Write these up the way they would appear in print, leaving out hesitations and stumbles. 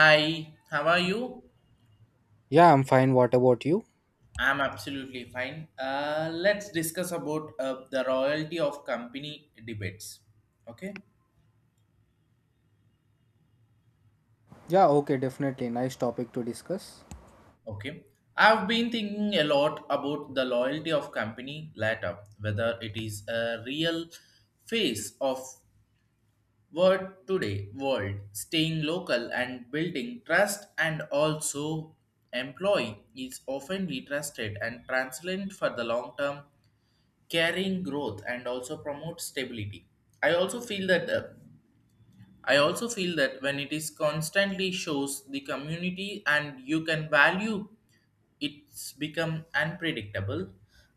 Hi, how are you? Yeah, I'm fine. What about you? I'm absolutely fine. Let's discuss about the royalty of company debates. Okay, Yeah, okay, definitely. Nice topic to discuss. okay. I've been thinking a lot about the loyalty of company later, whether it is a real face of what today world, staying local and building trust, and also employee is often trusted and transparent for the long term, carrying growth and also promote stability. I also feel that I also feel that when it is constantly shows the community and you can value, it's become unpredictable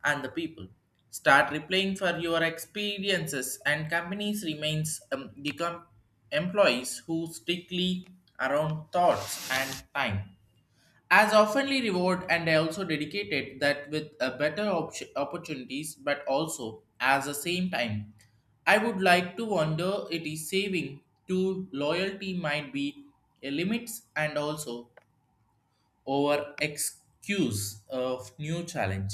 and the people start replying for your experiences and companies remains employees who strictly around thoughts and time as oftenly reward, and I also dedicated that with a better opportunities, but also as the same time I would like to wonder it is saving to loyalty might be a limits and also over excuse of new challenge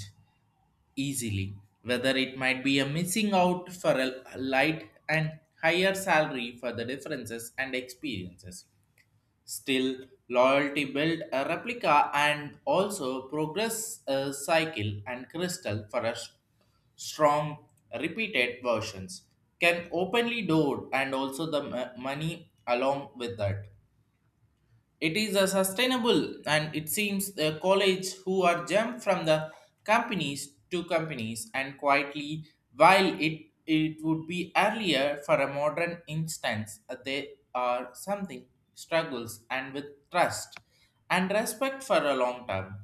easily, whether it might be a missing out for a light and higher salary for the differences and experiences. Still, loyalty built a replica and also progress a cycle and crystal for a strong repeated versions can openly door and also the money along with that. It is a sustainable, and it seems the college who are jumped from the companies to companies and quietly, while it would be earlier for a modern instance, they are something struggles and with trust and respect for a long term.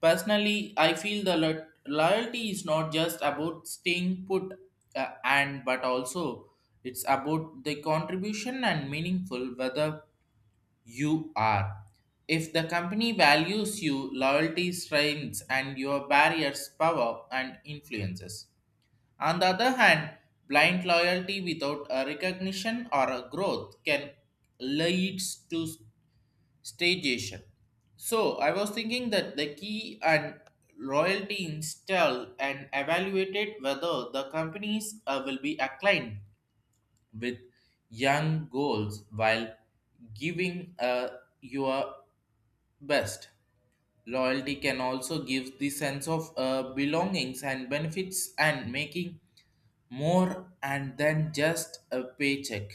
Personally, I feel the loyalty is not just about staying put, and but also it's about the contribution and meaningful whether you are. If the company values you, loyalty strengths and your barriers, power and influences. On the other hand, blind loyalty without a recognition or a growth can leads to stagnation. So I was thinking that the key and loyalty install and evaluated whether the companies will be aligned with young goals while giving your best. Loyalty can also give the sense of belongings and benefits and making more and than just a paycheck.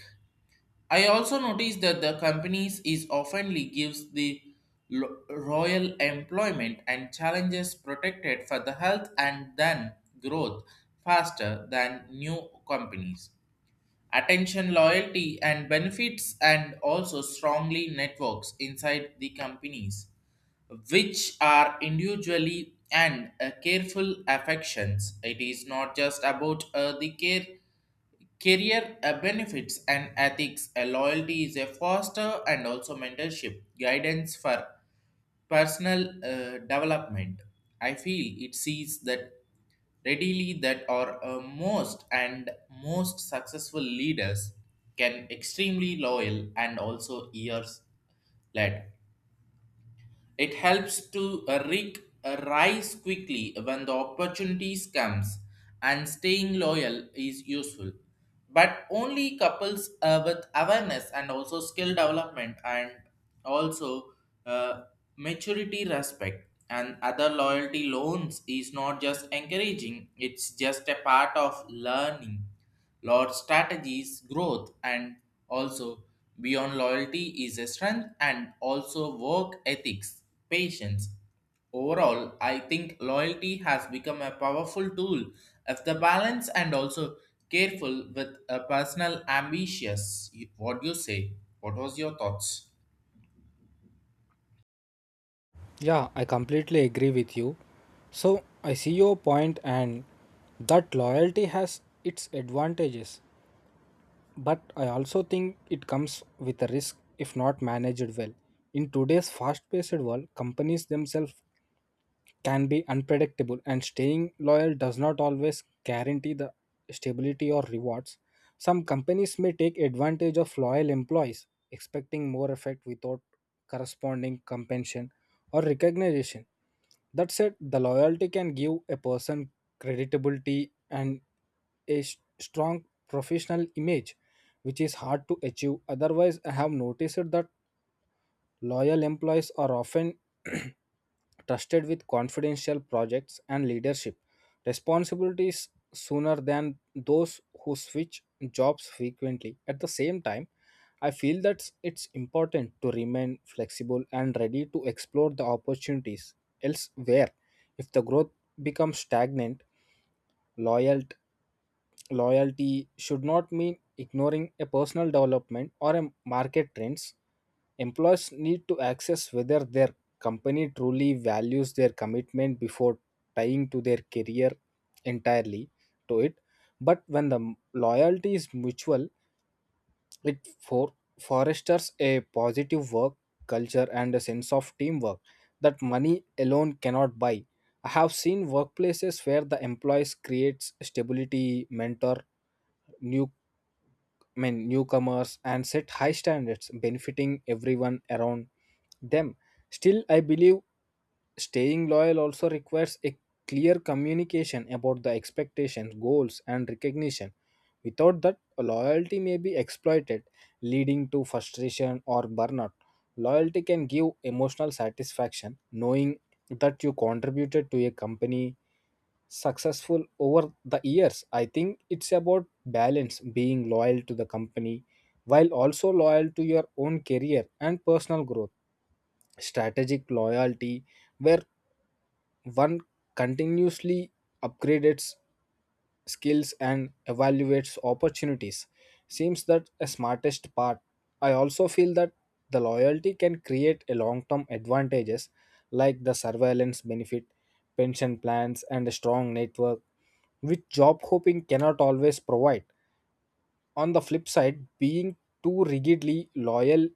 I also noticed that the companies is oftenly gives the royal employment and challenges protected for the health and then growth faster than new companies. Attention, loyalty, and benefits, and also strongly networks inside the companies which are individually and careful affections. It is not just about the care, career benefits and ethics. A loyalty is a foster and also mentorship, guidance for personal development. I feel it sees that readily that our most and most successful leaders can extremely loyal and also years led, it helps to rise quickly when the opportunities comes and staying loyal is useful. But only couples with awareness and also skill development and also uh, maturity respect and other loyalty loans is not just encouraging, it's just a part of learning Lord strategies, growth, and also beyond loyalty is a strength and also work ethics, patience. Overall, I think loyalty has become a powerful tool if the balance and also careful with a personal ambitious. What do you say? What was your thoughts? Yeah, I completely agree with you. So, I see your point and that loyalty has its advantages, but I also think it comes with a risk if not managed well. In today's fast-paced world, companies themselves can be unpredictable, and staying loyal does not always guarantee the stability or rewards. Some companies may take advantage of loyal employees, expecting more effect without corresponding compensation or recognition. That said, the loyalty can give a person credibility and a strong professional image, which is hard to achieve. Otherwise, I have noticed that loyal employees are often trusted with confidential projects and leadership responsibilities sooner than those who switch jobs frequently. At the same time, I feel that it's important to remain flexible and ready to explore the opportunities elsewhere. If the growth becomes stagnant, loyal loyalty should not mean ignoring a personal development or a market trends. Employees need to access whether their company truly values their commitment before tying to their career entirely to it. But when the loyalty is mutual, it for fosters a positive work culture and a sense of teamwork that money alone cannot buy. I have seen workplaces where the employees creates stability, mentor new newcomers and set high standards benefiting everyone around them. Still, I believe staying loyal also requires a clear communication about the expectations, goals, and recognition. Without that, loyalty may be exploited, leading to frustration or burnout. Loyalty can give emotional satisfaction, knowing that you contributed to a company successful over the years. I think it's about balance, being loyal to the company while also loyal to your own career and personal growth, strategic loyalty where one continuously upgrades skills and evaluates opportunities seems that a smartest part. I also feel that the loyalty can create a long term advantages like the surveillance benefit, pension plans, and a strong network which job hopping cannot always provide. On the flip side, being too rigidly loyal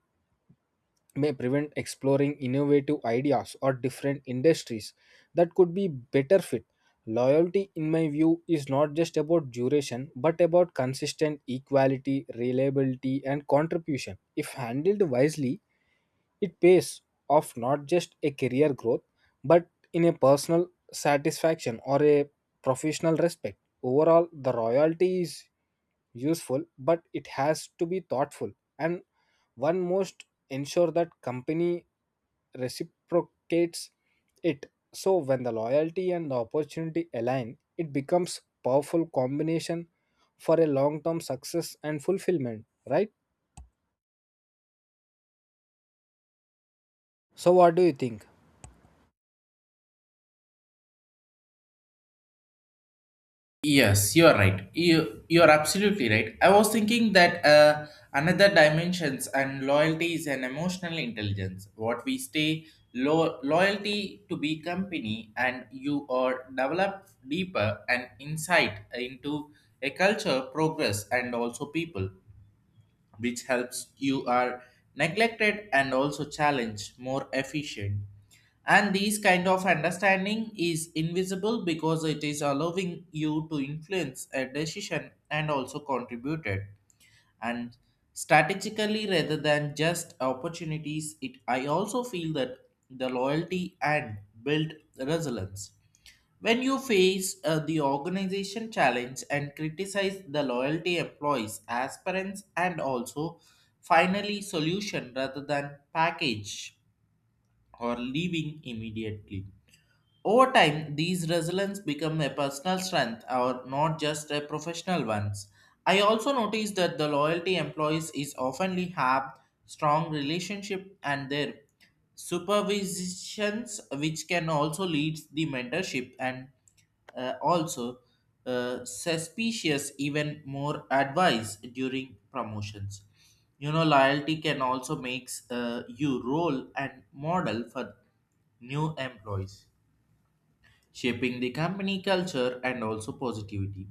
may prevent exploring innovative ideas or different industries that could be better fit. Loyalty, in my view, is not just about duration but about consistent equality, reliability, and contribution. If handled wisely, it pays off not just a career growth but in a personal satisfaction or a professional respect. Overall, the royalty is useful but it has to be thoughtful and one must ensure that company reciprocates it. So when the loyalty and the opportunity align, it becomes powerful combination for a long-term success and fulfillment, right? So what do you think? Yes, you are right. You are absolutely right. I was thinking that another dimensions and loyalty is an emotional intelligence. What we stay loyalty to be company, and you are develop deeper and insight into a culture, progress, and also people which helps you are neglected and also challenge more efficient, and these kind of understanding is invisible because it is allowing you to influence a decision and also contributed and strategically rather than just opportunities. It, I also feel that the loyalty and build resilience when you face the organization challenge and criticize the loyalty employees, aspirants, and also finally solution rather than package or leaving immediately. Over time, these resilience become a personal strength or not just a professional ones. I also noticed that the loyalty employees is oftenly have strong relationship and their supervisions which can also lead the mentorship and also suspicious even more advice during promotions. You know, loyalty can also makes you role and model for new employees, shaping the company culture and also positivity.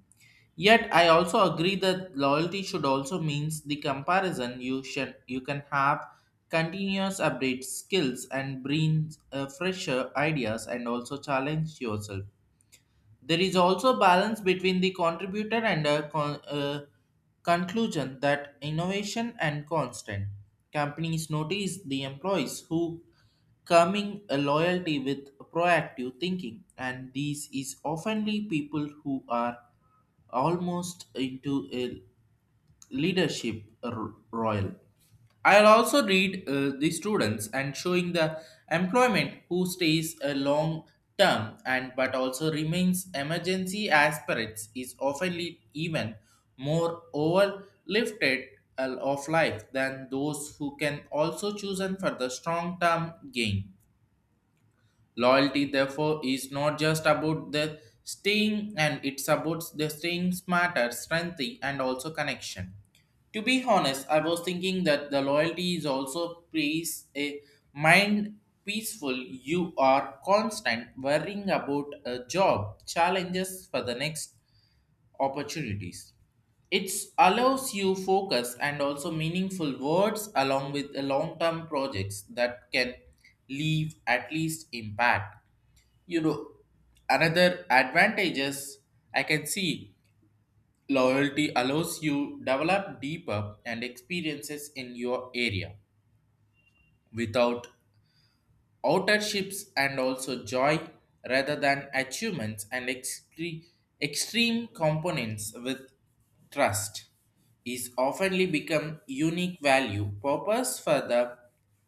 Yet I also agree that loyalty should also means the comparison you can have continuous update skills and bring fresher ideas and also challenge yourself. There is also balance between the contributor and a conclusion that innovation and constant companies notice the employees who coming a loyalty with proactive thinking, and these is oftenly people who are almost into a leadership royal. I'll also read the students and showing the employment who stays a long term and but also remains emergency aspirates is often lead even more overlifted of life than those who can also choose and for the strong term gain. Loyalty, therefore, is not just about the staying and it's about the staying smarter, strength, and also connection. To be honest, I was thinking that the loyalty is also peace, a mind peaceful. You are constant worrying about a job, challenges for the next opportunities. It allows you focus and also meaningful words along with long term projects that can leave at least impact. You know, another advantages I can see loyalty allows you develop deeper and experiences in your area without outer ships and also joy rather than achievements and extreme components with trust is oftenly become unique value purpose for the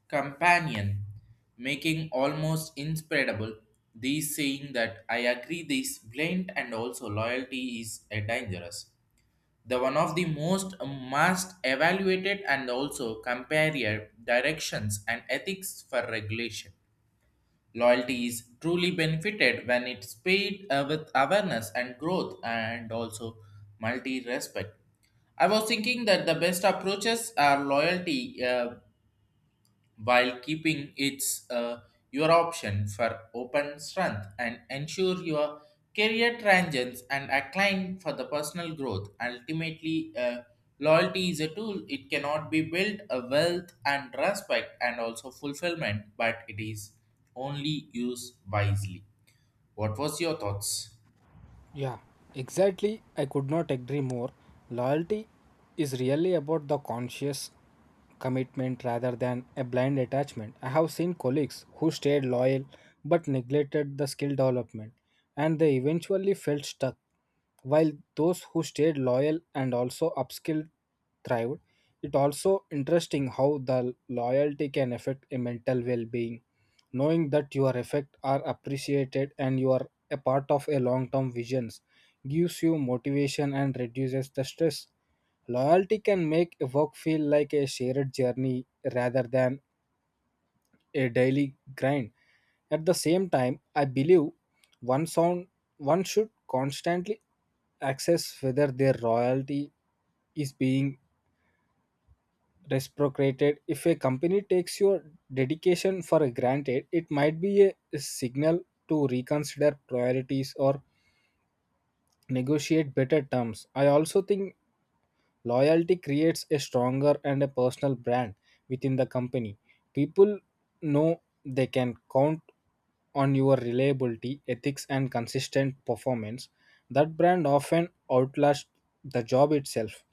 companion, making almost inspirable. These saying that I agree this blind and also loyalty is a dangerous, the one of the most must evaluated and also compare directions and ethics for regulation. Loyalty is truly benefited when it's paid with awareness and growth and also multi respect. I was thinking that the best approaches are loyalty. While keeping its your option for open strength and ensure your career tangents and acclaim for the personal growth. Ultimately, loyalty is a tool. It cannot be built a wealth and respect and also fulfillment, but it is only used wisely. What was your thoughts? Yeah, exactly. I could not agree more. Loyalty is really about the conscious commitment rather than a blind attachment. I have seen colleagues who stayed loyal but neglected the skill development and they eventually felt stuck. While those who stayed loyal and also upskilled thrived, it also interesting how the loyalty can affect a mental well-being. Knowing that your effect are appreciated and you are a part of a long-term visions gives you motivation and reduces the stress. Loyalty can make a work feel like a shared journey rather than a daily grind. At the same time, I believe one sound one should constantly access whether their royalty is being reciprocated. If a company takes your dedication for granted, it might be a signal to reconsider priorities or negotiate better terms. I also think loyalty creates a stronger and a personal brand within the company. People know they can count on your reliability, ethics, and consistent performance. That brand often outlasts the job itself,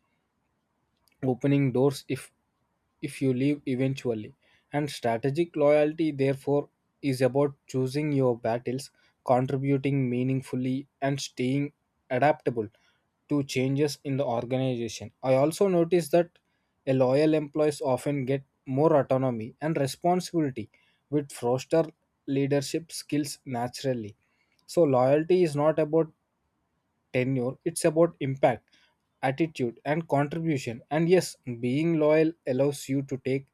opening doors if you leave eventually. And strategic loyalty therefore is about choosing your battles, contributing meaningfully, and staying adaptable to changes in the organization. I also noticed that a loyal employees often get more autonomy and responsibility which foster leadership skills naturally. So loyalty is not about tenure, it's about impact, attitude, and contribution. And yes, being loyal allows you to take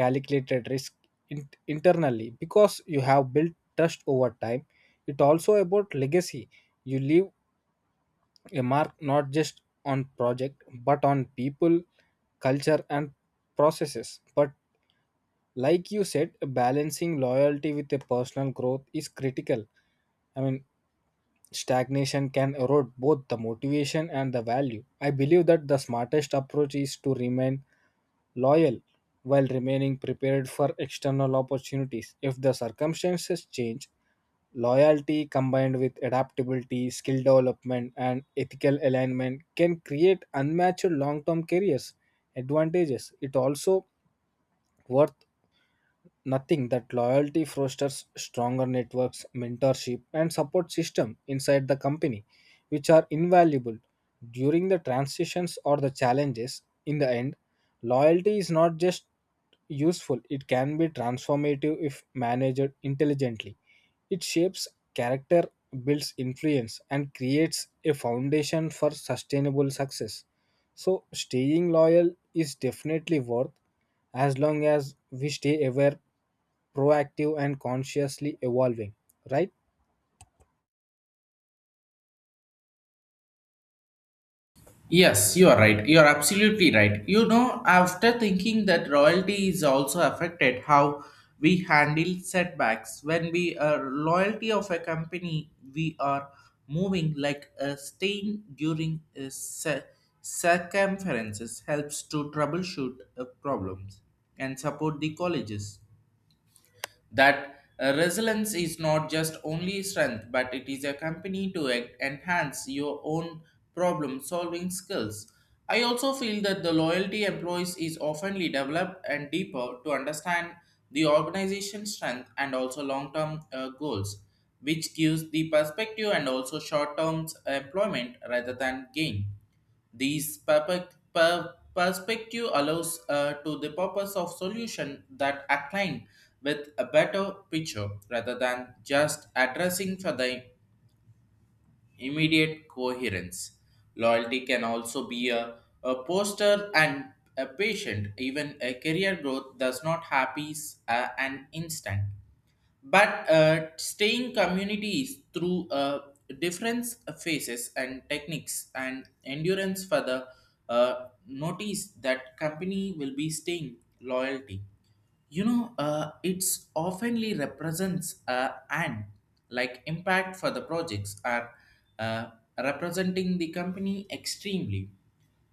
calculated risk internally because you have built trust over time. It also about legacy. You leave a mark not just on project but on people, culture, and processes. But like you said, balancing loyalty with a personal growth is critical. I mean, stagnation can erode both the motivation and the value. I believe that the smartest approach is to remain loyal while remaining prepared for external opportunities. If the circumstances change, loyalty combined with adaptability, skill development, and ethical alignment can create unmatched long term careers advantages. It also worth nothing that loyalty fosters stronger networks, mentorship, and support system inside the company which are invaluable during the transitions or the challenges. In the end, loyalty is not just useful, it can be transformative if managed intelligently. It shapes character, builds influence, and creates a foundation for sustainable success. So staying loyal is definitely worth, as long as we stay aware, proactive, and consciously evolving, right? Yes, you are right. You are absolutely right. You know, after thinking that royalty is also affected how we handle setbacks when we are loyalty of a company, we are moving like a stain during a circumferences helps to troubleshoot problems and support the colleges that resilience is not just only strength but it is a company to enhance your own problem solving skills. I also feel that the loyalty employees is often developed and deeper to understand the organization's strength and also long-term goals which gives the perspective and also short-term employment rather than gain. These perspective allows to the purpose of solution that align with a better picture rather than just addressing for the immediate coherence. Loyalty can also be a poster and a patient. Even a career growth does not happen an instant, but staying communities through different phases and techniques and endurance for the notice that company will be staying loyalty. You know, it's oftenly represents an like impact for the projects are uh, representing the company extremely,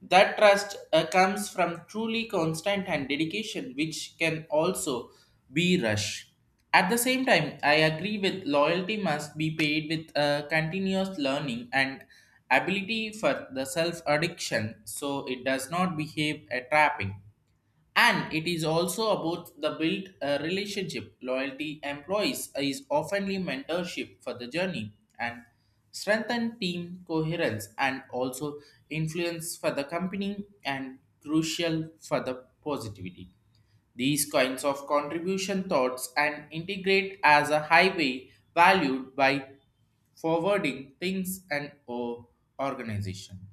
that trust comes from truly constant and dedication which can also be rush. At the same time, I agree with loyalty must be paid with continuous learning and ability for the self addiction, so it does not behave a trapping. And it is also about the built relationship. Loyalty employees is oftenly mentorship for the journey and strengthen team coherence and also influence for the company and crucial for the positivity. These kinds of contribution thoughts and integrate as a highway valued by forwarding things and or organization.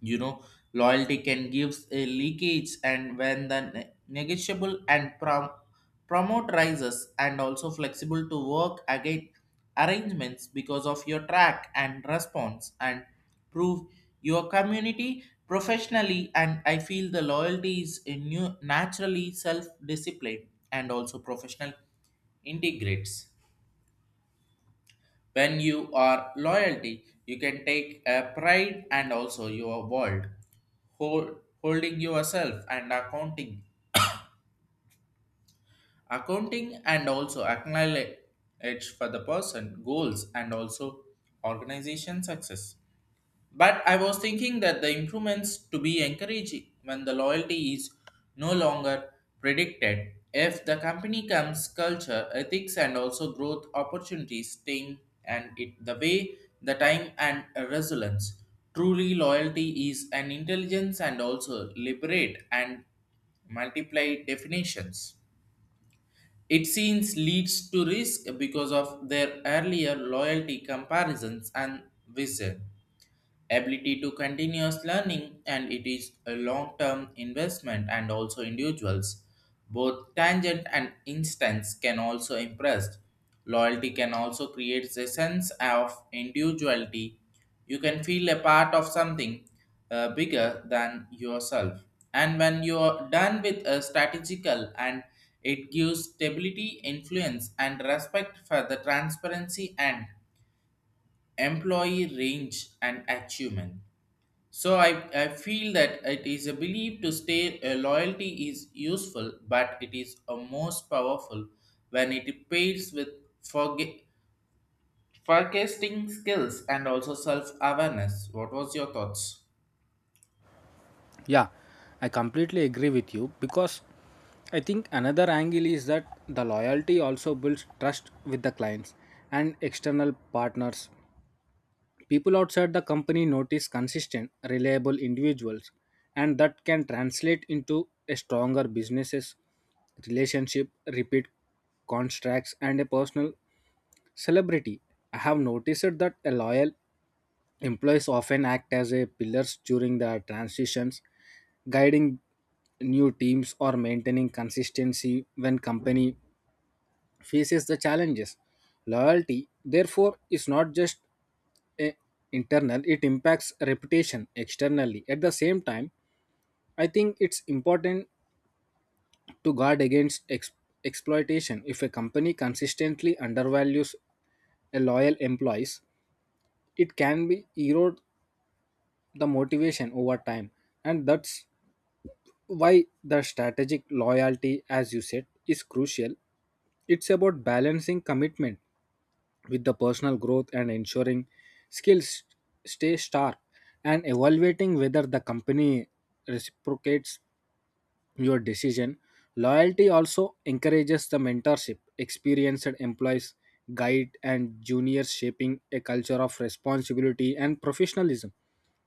You know, loyalty can give a leakage and when the negotiable and promote rises and also flexible to work again arrangements because of your track and response and prove your community professionally, and I feel the loyalty is a new naturally self discipline and also professional integrates. When you are loyalty, you can take a pride and also your world, hold, holding yourself and accounting and also acknowledge for the person goals and also organization success. But I was thinking that the improvements to be encouraging when the loyalty is no longer predicted. If the company comes culture, ethics, and also growth opportunities, thing and it the way, the time, and resilience. Truly, loyalty is an intelligence and also liberate and multiply definitions. It seems leads to risk because of their earlier loyalty comparisons and vision ability to continuous learning, and it is a long-term investment and also individuals both tangent and instance can also impress. Loyalty can also create a sense of individuality. You can feel a part of something bigger than yourself, and when you're done with a strategical, and it gives stability influence and respect for the transparency and employee range and achievement. So I feel that it is a belief to stay a loyalty is useful, but it is a most powerful when it pairs with forge- forecasting skills and also self awareness. What was your thoughts? Yeah, I completely agree with you because I think another angle is that the loyalty also builds trust with the clients and external partners. People outside the company notice consistent, reliable individuals, and that can translate into a stronger businesses, relationship, repeat contracts, and a personal celebrity. I have noticed that a loyal employees often act as a pillars during the transitions, guiding new teams or maintaining consistency when company faces the challenges. Loyalty, therefore, is not just eh, internal, it impacts reputation externally. At the same time, I think it's important to guard against exploitation. If a company consistently undervalues a loyal employees, it can be erode the motivation over time, and that's why the strategic loyalty, as you said, is crucial. It's about balancing commitment with the personal growth and ensuring skills stay sharp, and evaluating whether the company reciprocates your decision. Loyalty also encourages the mentorship. Experienced employees guide and juniors, shaping a culture of responsibility and professionalism.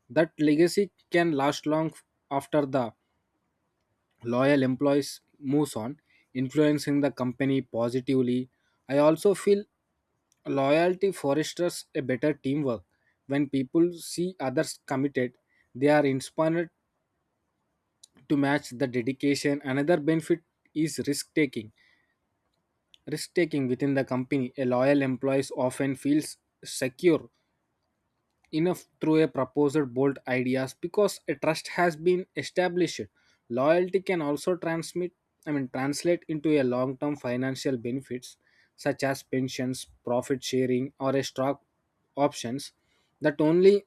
That legacy can last long after the loyal employees moves on, influencing the company positively. I also feel loyalty fosters a better teamwork. When people see others committed, they are inspired to match the dedication. Another benefit is risk taking. Risk taking within the company. A loyal employee often feels secure enough through a proposed bold ideas because a trust has been established. Loyalty can also transmit I mean translate into a long-term financial benefits such as pensions, profit sharing, or a stock options that only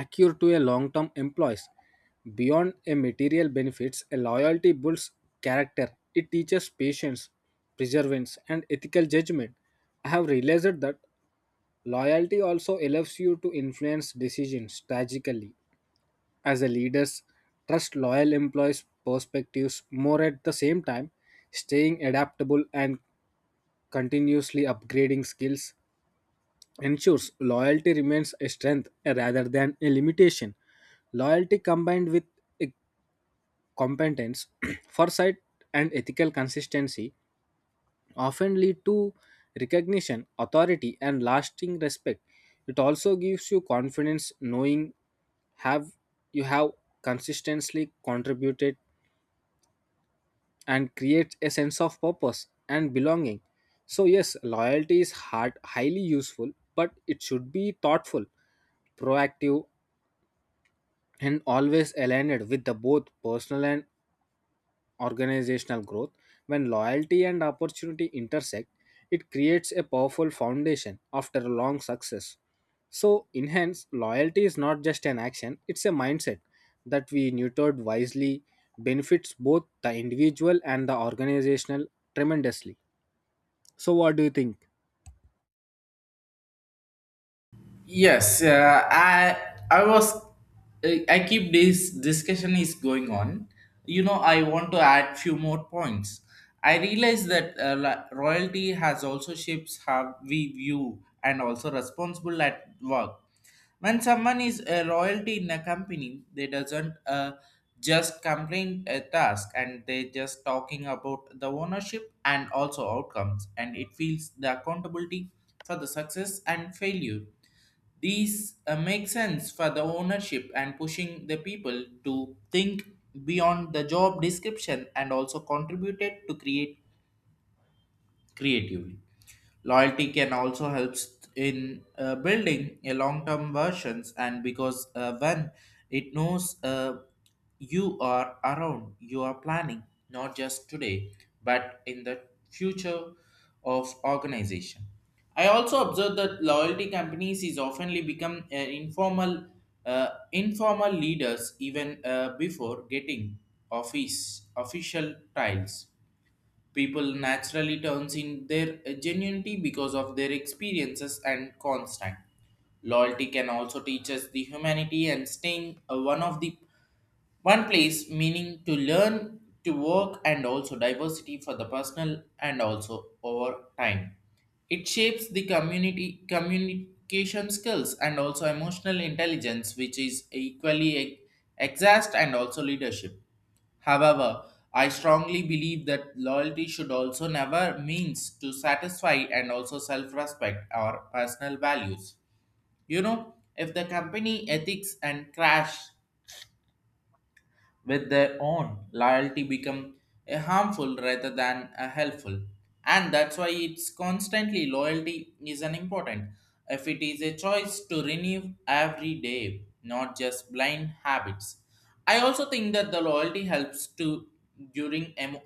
accrue to a long-term employees. Beyond a material benefits, a loyalty builds character. It teaches patience, perseverance, and ethical judgment. I have realized that loyalty also allows you to influence decisions strategically. As a leaders, trust loyal employees' perspectives more. At the same time, staying adaptable and continuously upgrading skills ensures loyalty remains a strength rather than a limitation. Loyalty combined with a competence, foresight, and ethical consistency often lead to recognition, authority, and lasting respect. It also gives you confidence, knowing have you have consistently contributed and creates a sense of purpose and belonging. So, yes, loyalty is highly useful, but it should be thoughtful, proactive, and always aligned with the both personal and organizational growth. When loyalty and opportunity intersect, it creates a powerful foundation after a long success. So, enhance loyalty is not just an action, it's a mindset that we nurtured wisely benefits both the individual and the organizational tremendously. So, what do you think? Yes, I was I keep this discussion is going on. You know, I want to add few more points. I realize that royalty has also shapes how we view and also responsible at work. When someone is a royalty in a company, they doesn't just complain a task, and they just talking about the ownership and also outcomes, and it feels the accountability for the success and failure. These make sense for the ownership and pushing the people to think beyond the job description and also contributed to create creatively. Loyalty can also help in building a long-term versions, and because when it knows you are around, you are planning not just today but in the future of organization. I also observe that loyalty companies is oftenly become informal leaders even before getting office official titles. People naturally turns in their genuinity because of their experiences and constant. Loyalty can also teach us the humanity and staying one of the one place meaning to learn, to work, and also diversity for the personal and also over time. It shapes the community communication skills and also emotional intelligence, which is equally exhaust and also leadership. However, I strongly believe that loyalty should also never means to satisfy and also self-respect or personal values. You know, if the company ethics and crash with their own loyalty become a harmful rather than a helpful, and that's why it's constantly loyalty is an important if it is a choice to renew every day, not just blind habits. I also think that the loyalty helps to during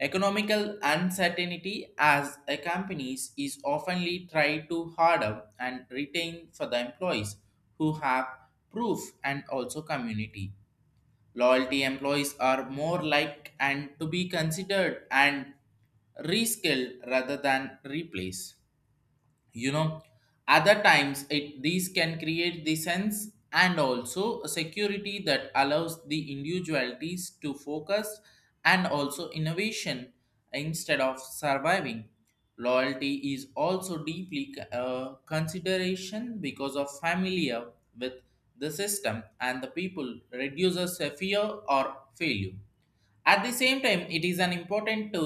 economical uncertainty, as a companies is oftenly try to harder and retain for the employees who have proof and also community. Loyalty employees are more like and to be considered and reskilled rather than replaced. You know, other times it these can create the sense and also a security that allows the individualities to focus and also innovation instead of surviving. Loyalty is also deeply consideration because of familiar with the system, and the people reduces a fear or failure. At the same time, it is an important to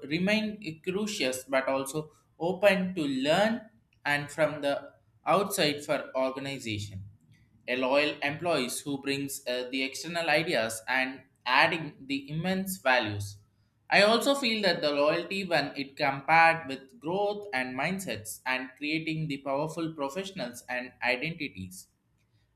remain curious but also open to learn and from the outside for organization. A loyal employees who brings the external ideas and adding the immense values. I also feel that the loyalty when it compared with growth and mindsets and creating the powerful professionals and identities,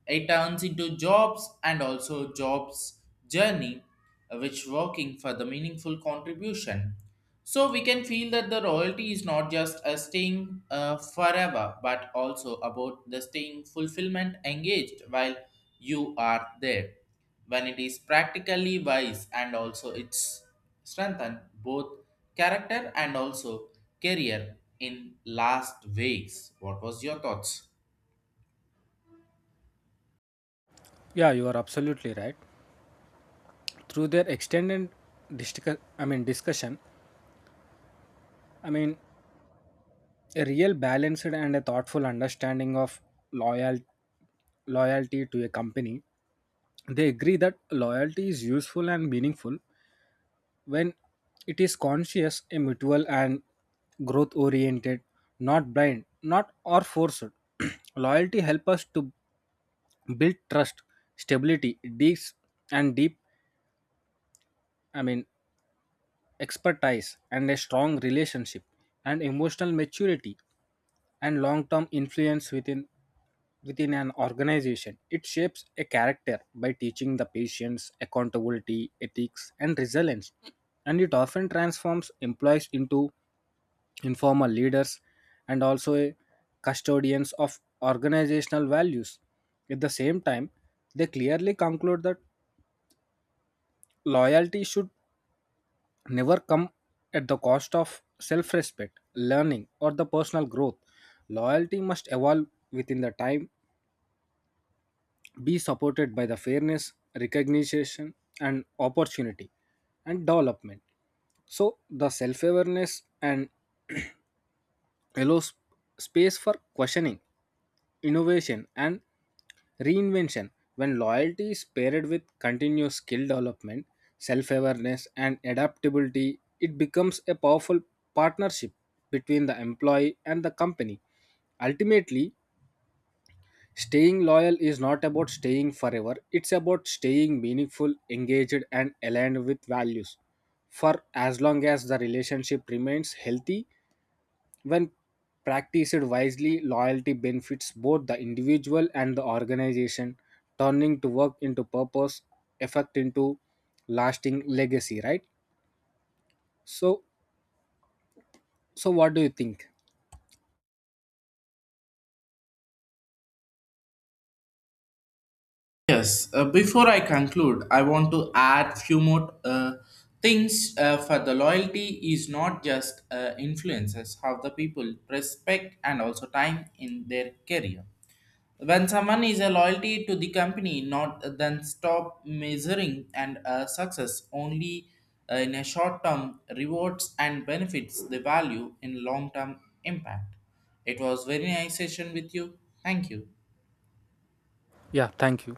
it turns into jobs and also jobs journey, which working for the meaningful contribution. So we can feel that the royalty is not just a staying forever, but also about the staying fulfillment engaged while you are there. When it is practically wise and also it's strengthen both character and also career in last ways. What was your thoughts? Yeah, you are absolutely right. Through their extended discussion, I mean a real balanced and a thoughtful understanding of loyal loyalty to a company. They agree that loyalty is useful and meaningful when it is conscious, a mutual, and growth oriented, not blind, not or forced. Loyalty helps us to build trust, stability, deep, I mean, expertise, and a strong relationship, and emotional maturity, and long term influence within an organization. It shapes a character by teaching the patients accountability, ethics, and resilience. And it often transforms employees into informal leaders and also a custodians of organizational values. At the same time, they clearly conclude that loyalty should never come at the cost of self respect, learning, or the personal growth. Loyalty must evolve within the time, be supported by the fairness, recognition, and opportunity and development. So, the self awareness and allows space for questioning, innovation, and reinvention. When loyalty is paired with continuous skill development, self awareness, and adaptability, it becomes a powerful partnership between the employee and the company. Ultimately, staying loyal is not about staying forever, it's about staying meaningful, engaged, and aligned with values. For as long as the relationship remains healthy, when practiced wisely, loyalty benefits both the individual and the organization, turning to work into purpose, effect into lasting legacy, right? So, so, what do you think? Yes, before I conclude, I want to add few more things for the loyalty is not just influences how the people respect and also time in their career. When someone is a loyalty to the company, not then stop measuring and success only in a short term rewards and benefits the value in long term impact. It was very nice session with you. Thank you. Yeah, thank you.